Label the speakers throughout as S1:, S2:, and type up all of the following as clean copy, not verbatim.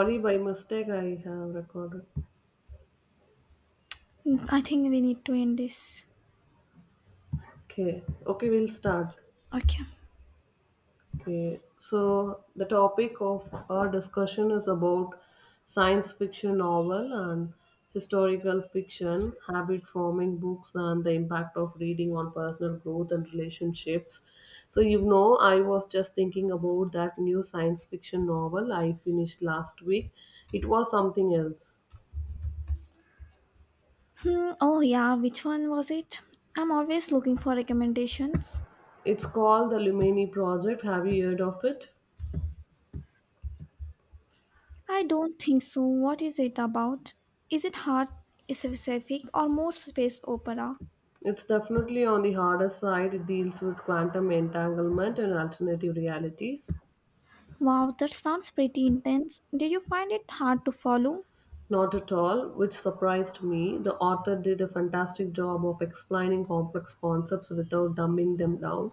S1: Sorry, by mistake I have recorded.
S2: I think we need to end this.
S1: Okay, okay, we'll start.
S2: Okay.
S1: Okay, so the topic of our discussion is about science fiction novel and historical fiction, habit forming books, and the impact of reading on personal growth and relationships. So, you know, I was just thinking about that new science fiction novel I finished last week. It was something else.
S2: Hmm, oh yeah, which one was it? I'm always looking for recommendations.
S1: It's called The Lumini Project. Have you heard of it?
S2: I don't think so. What is it about? Is it hard specific or more space opera?
S1: It's definitely on the harder side. It deals with quantum entanglement and alternative realities.
S2: Wow, that sounds pretty intense. Did you find it hard to follow?
S1: Not at all, which surprised me. The author did a fantastic job of explaining complex concepts without dumbing them down.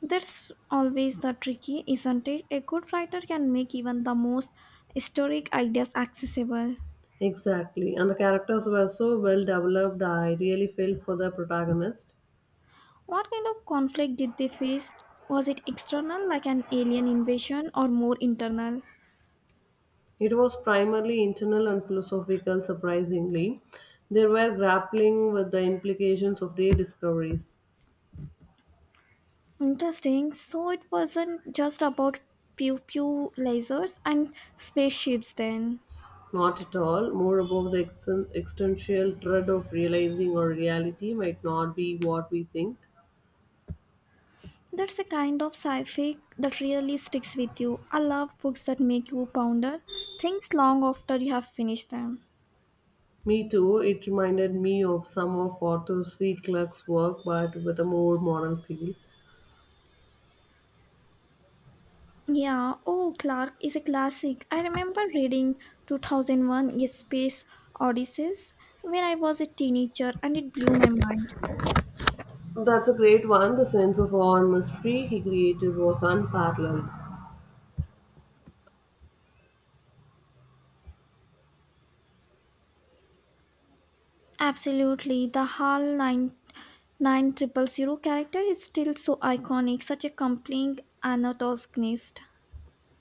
S2: That's always the tricky, isn't it? A good writer can make even the most historic ideas accessible.
S1: Exactly, and the characters were so well developed, I really felt for the protagonist.
S2: What kind of conflict did they face? Was it external, like an alien invasion, or more internal?
S1: It was primarily internal and philosophical, surprisingly. They were grappling with the implications of their discoveries.
S2: Interesting. So it wasn't just about pew pew lasers and spaceships, then.
S1: Not at all. More about the existential dread of realizing our reality might not be what we think.
S2: That's a kind of sci fi that really sticks with you. I love books that make you ponder things long after you have finished them.
S1: Me too. It reminded me of some of Arthur C. Clarke's work, but with a more modern feel.
S2: Yeah, oh, Clark is a classic. I remember reading 2001 A Space Odysseys when I was a teenager and it blew my mind.
S1: That's a great one. The sense of awe and mystery he created was unparalleled.
S2: Absolutely. The HAL nine nine Triple Zero character is still so iconic, such a compelling antagonist.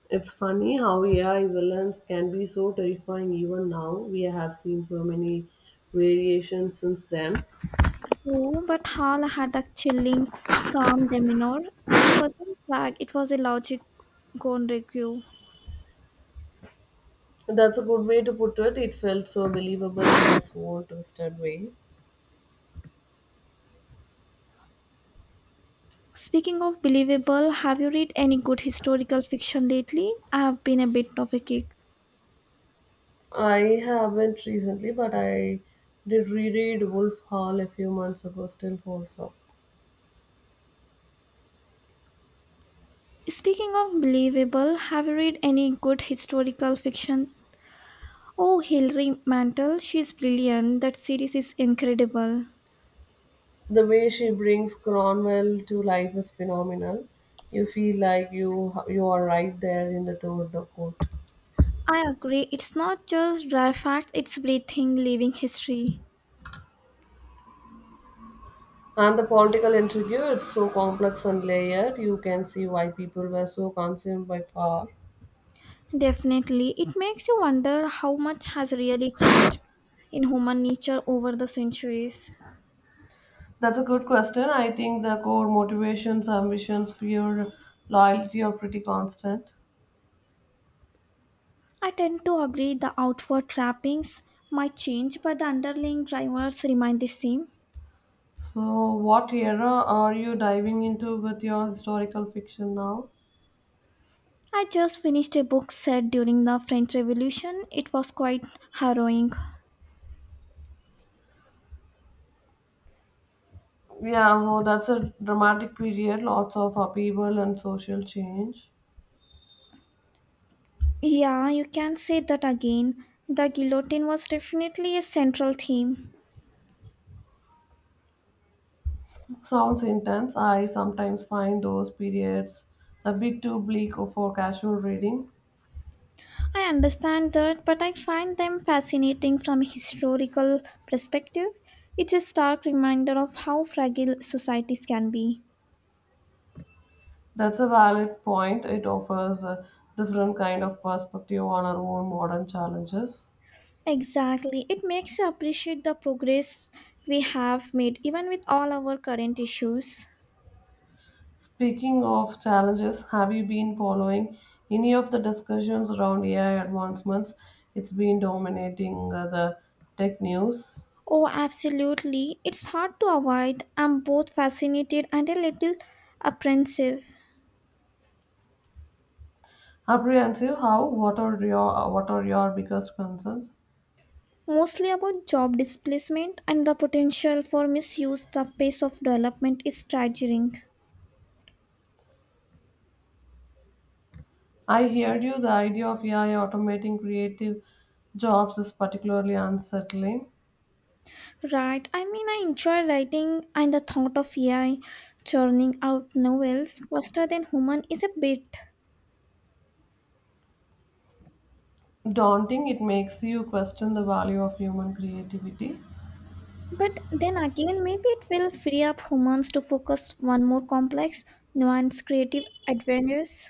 S1: It's funny how AI villains can be so terrifying even now. We have seen so many variations since then.
S2: True, but HAL had a chilling, calm demeanor. It wasn't flag, it was a logic gone rogue.
S1: That's a good way to put it. It felt so believable in its own twisted way.
S2: Speaking of believable, have you read any good historical fiction lately? I have been a bit of a kick.
S1: I haven't recently, but I did reread Wolf Hall a few months ago, still holds up.
S2: Speaking of believable, have you read any good historical fiction? Oh, Hilary Mantel, she's brilliant. That series is incredible.
S1: The way she brings Cromwell to life is phenomenal. You feel like you are right there in the tour of the court.
S2: I agree. It's not just dry facts, it's breathing, living history.
S1: And the political intrigue, it's so complex and layered, you can see why people were so consumed by power.
S2: Definitely. It makes you wonder how much has really changed in human nature over the centuries.
S1: That's a good question. I think the core motivations, ambitions, fear, loyalty are pretty constant.
S2: I tend to agree the outward trappings might change, but the underlying drivers remain the same.
S1: So, what era are you diving into with your historical fiction now?
S2: I just finished a book set during the French Revolution. It was quite harrowing.
S1: Yeah, well, that's a dramatic period, lots of upheaval and social change.
S2: Yeah, you can say that again. The guillotine was definitely a central theme.
S1: Sounds intense. I sometimes find those periods a bit too bleak for casual reading.
S2: I understand that, but I find them fascinating from a historical perspective. It's a stark reminder of how fragile societies can be.
S1: That's a valid point. It offers a different kind of perspective on our own modern challenges.
S2: Exactly. It makes you appreciate the progress we have made, even with all our current issues.
S1: Speaking of challenges, have you been following any of the discussions around AI advancements? It's been dominating the tech news.
S2: Oh, absolutely. It's hard to avoid. I'm both fascinated and a little apprehensive,
S1: Apprehensive, how? What are your biggest concerns?
S2: mostly about job displacement and the potential for misuse. The pace of development is staggering.
S1: I heard you. The idea of AI automating creative jobs is particularly unsettling.
S2: Right. I mean, I enjoy writing, and the thought of AI churning out novels faster than human is a bit.
S1: Daunting, it makes you question the value of human creativity.
S2: But then again, maybe it will free up humans to focus on more complex, nuanced creative adventures.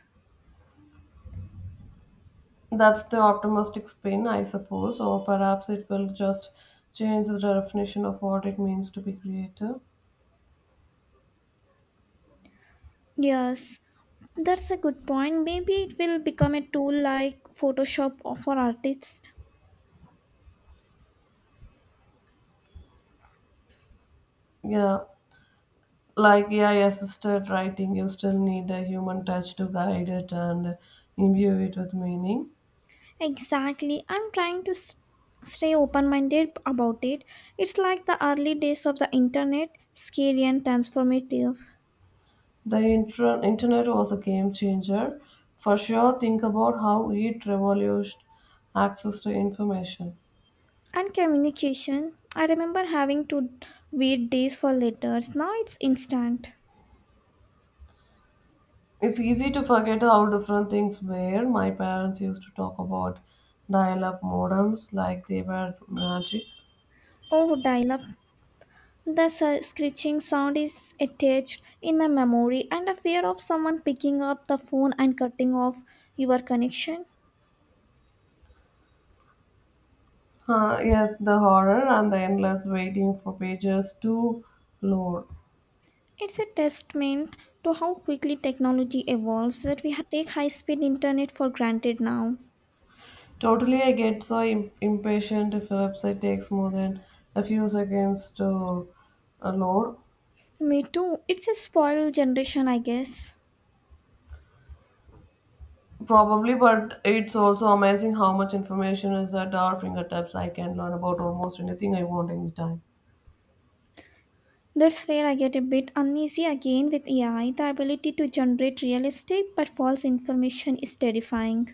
S1: That's the optimistic spin, I suppose, or perhaps it will just change the definition of what it means to be creative.
S2: Yes, that's a good point. Maybe it will become a tool like Photoshop for artists.
S1: Yeah, like AI assisted writing, you still need a human touch to guide it and imbue it with meaning.
S2: Exactly. I'm trying to stay open minded about it. It's like the early days of the internet, scary and transformative.
S1: The internet was a game changer. For sure, think about how it revolutionized access to information.
S2: And communication. I remember having to wait days for letters. Now it's instant.
S1: It's easy to forget how different things were. My parents used to talk about dial up modems like they were magic.
S2: Oh, dial up. The screeching sound is attached in my memory, and the fear of someone picking up the phone and cutting off your connection.
S1: Yes, the horror and the endless waiting for pages to load.
S2: It's a testament to how quickly technology evolves that we take high speed internet for granted now.
S1: Totally, I get so impatient if a website takes more than a few seconds to load.
S2: Me too. It's a spoiled generation, I guess.
S1: Probably, but it's also amazing how much information is at our fingertips. I can learn about almost anything I want anytime.
S2: That's where I get a bit uneasy again with AI. The ability to generate realistic but false information is terrifying.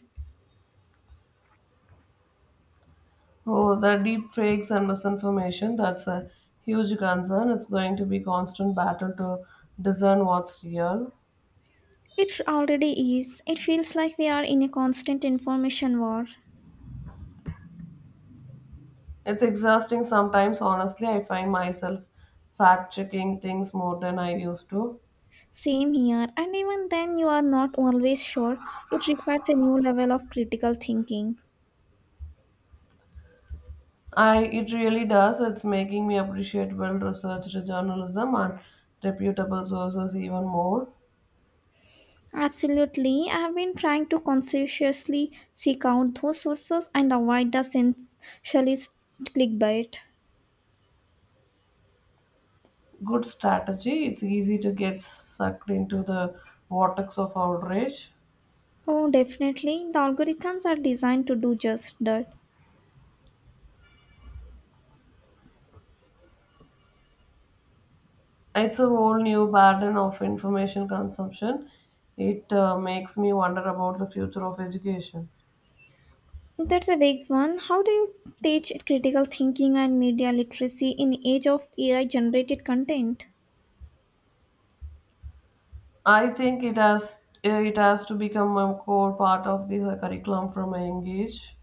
S1: Oh, the deep fakes and misinformation, that's a huge concern. It's going to be constant battle to discern what's real.
S2: It already is. It feels like we are in a constant information war.
S1: It's exhausting sometimes, honestly. I find myself fact checking things more than I used to.
S2: Same here, and even then, you are not always sure. It requires a new level of critical thinking.
S1: I it really does. It's making me appreciate well researched journalism and reputable sources even more.
S2: Absolutely, I have been trying to conscientiously seek out those sources and avoid the sensationalist clickbait.
S1: Good strategy. It's easy to get sucked into the vortex of outrage.
S2: Oh, definitely. The algorithms are designed to do just that.
S1: It's a whole new burden of information consumption. It makes me wonder about the future of education.
S2: That's a big one. How do you teach critical thinking and media literacy in the age of AI generated content?
S1: I think it has to become a core part of the curriculum from a young age.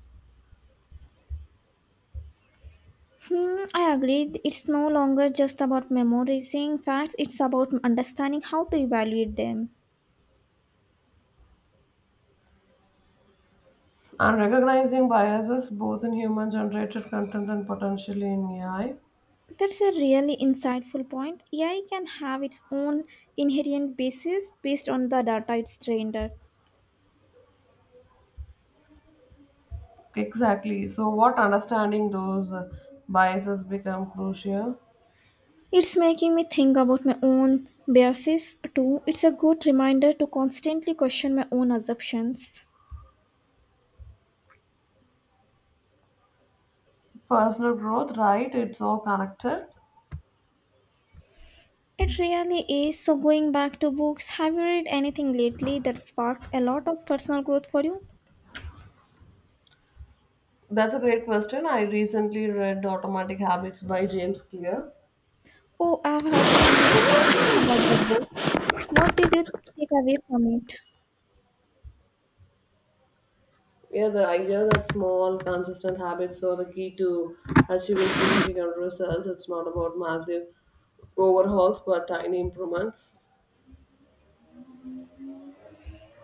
S2: I agree. It's no longer just about memorizing facts, it's about understanding how to evaluate them.
S1: And recognizing biases both in human generated content and potentially in AI.
S2: That's a really insightful point. AI can have its own inherent basis based on the data it's trained at.
S1: Exactly. So, what understanding those biases become crucial.
S2: It's making me think about my own biases too. It's a good reminder to constantly question my own assumptions.
S1: Personal growth, right? It's all connected.
S2: It really is. So, going back to books, have you read anything lately that sparked a lot of personal growth for you?
S1: That's a great question. I recently read Automatic Habits by James Clear.
S2: Oh, I've heard so many good things about that book. What did you take away from it?
S1: Yeah, the idea that small, consistent habits are the key to achieving significant results. It's not about massive overhauls, but tiny improvements.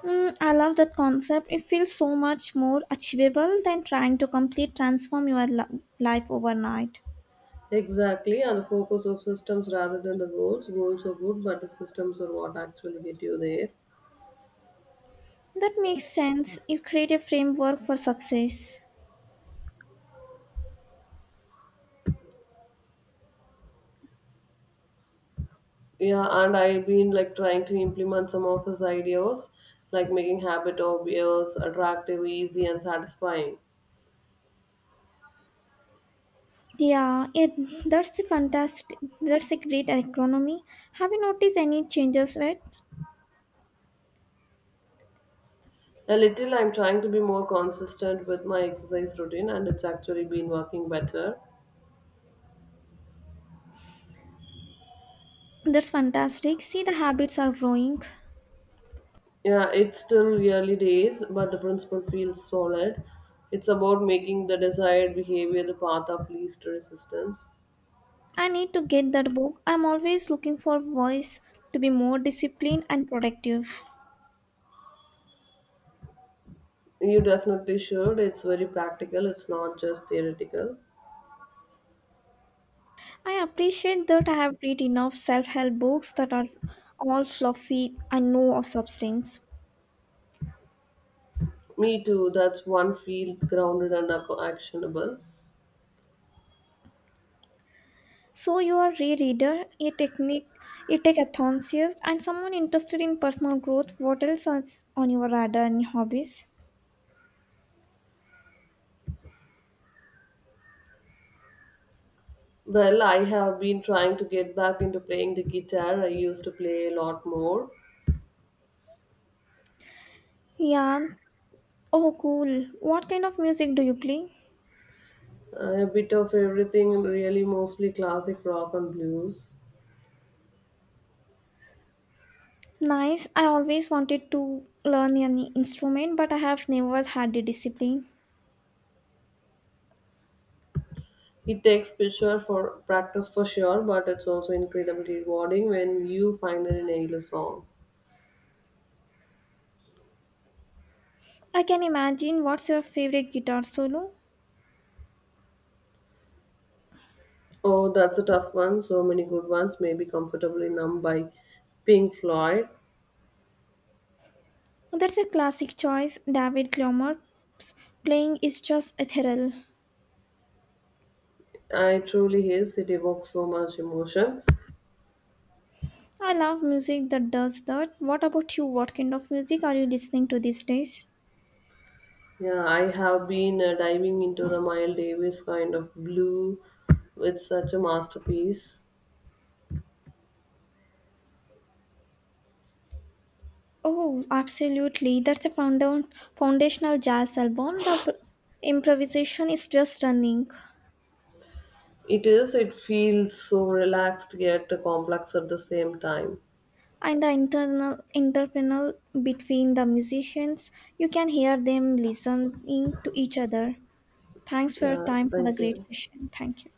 S2: I love that concept. It feels so much more achievable than trying to completely transform your life overnight.
S1: Exactly, and the focus of systems rather than the goals. Goals are good, but the systems are what actually get you there.
S2: That makes sense. You create a framework for success.
S1: Yeah, and I've been like trying to implement some of his ideas, like making habit obvious, attractive, easy, and satisfying.
S2: Yeah, that's a fantastic. That's a great economy. Have you noticed any changes yet?
S1: A little, I'm trying to be more consistent with my exercise routine, and it's actually been working better.
S2: That's fantastic. See, the habits are growing.
S1: Yeah, it's still early days, but the principle feels solid. It's about making the desired behavior the path of least resistance.
S2: I need to get that book. I'm always looking for ways to be more disciplined and productive.
S1: You definitely should. It's very practical, it's not just theoretical.
S2: I appreciate that I have read enough self help books that are all fluffy and no of substance.
S1: Me too, that's one field grounded and actionable.
S2: So, you are a reader, a technique, a tech enthusiast, and someone interested in personal growth. What else is on your radar and hobbies?
S1: Well, I have been trying to get back into playing the guitar. I used to play a lot more,
S2: Yeah. Oh, cool. What kind of music do you play?
S1: a bit of everything, really, mostly classic rock and blues.
S2: Nice. I always wanted to learn an instrument, but I have never had the discipline.
S1: It takes picture for practice for sure, but it's also incredibly rewarding when you finally nail a song.
S2: I can imagine what's your favorite guitar solo?
S1: Oh, that's a tough one, so many good ones. Maybe Comfortably Numb by Pink Floyd.
S2: That's a classic choice. David Gilmour's playing is just ethereal.
S1: I truly is, it evokes so much emotions.
S2: I love music that does that. What about you? What kind of music are you listening to these days?
S1: Yeah, I have been diving into the Miles Davis Kind of Blue. With such a masterpiece.
S2: Oh, absolutely. That's a foundational jazz album. The improvisation is just stunning.
S1: It is. It feels so relaxed yet complex at the same time.
S2: And the internal interpersonal between the musicians, you can hear them listening to each other. Thanks for your
S1: Yeah,
S2: time for the
S1: thank
S2: great
S1: you.
S2: session, thank you.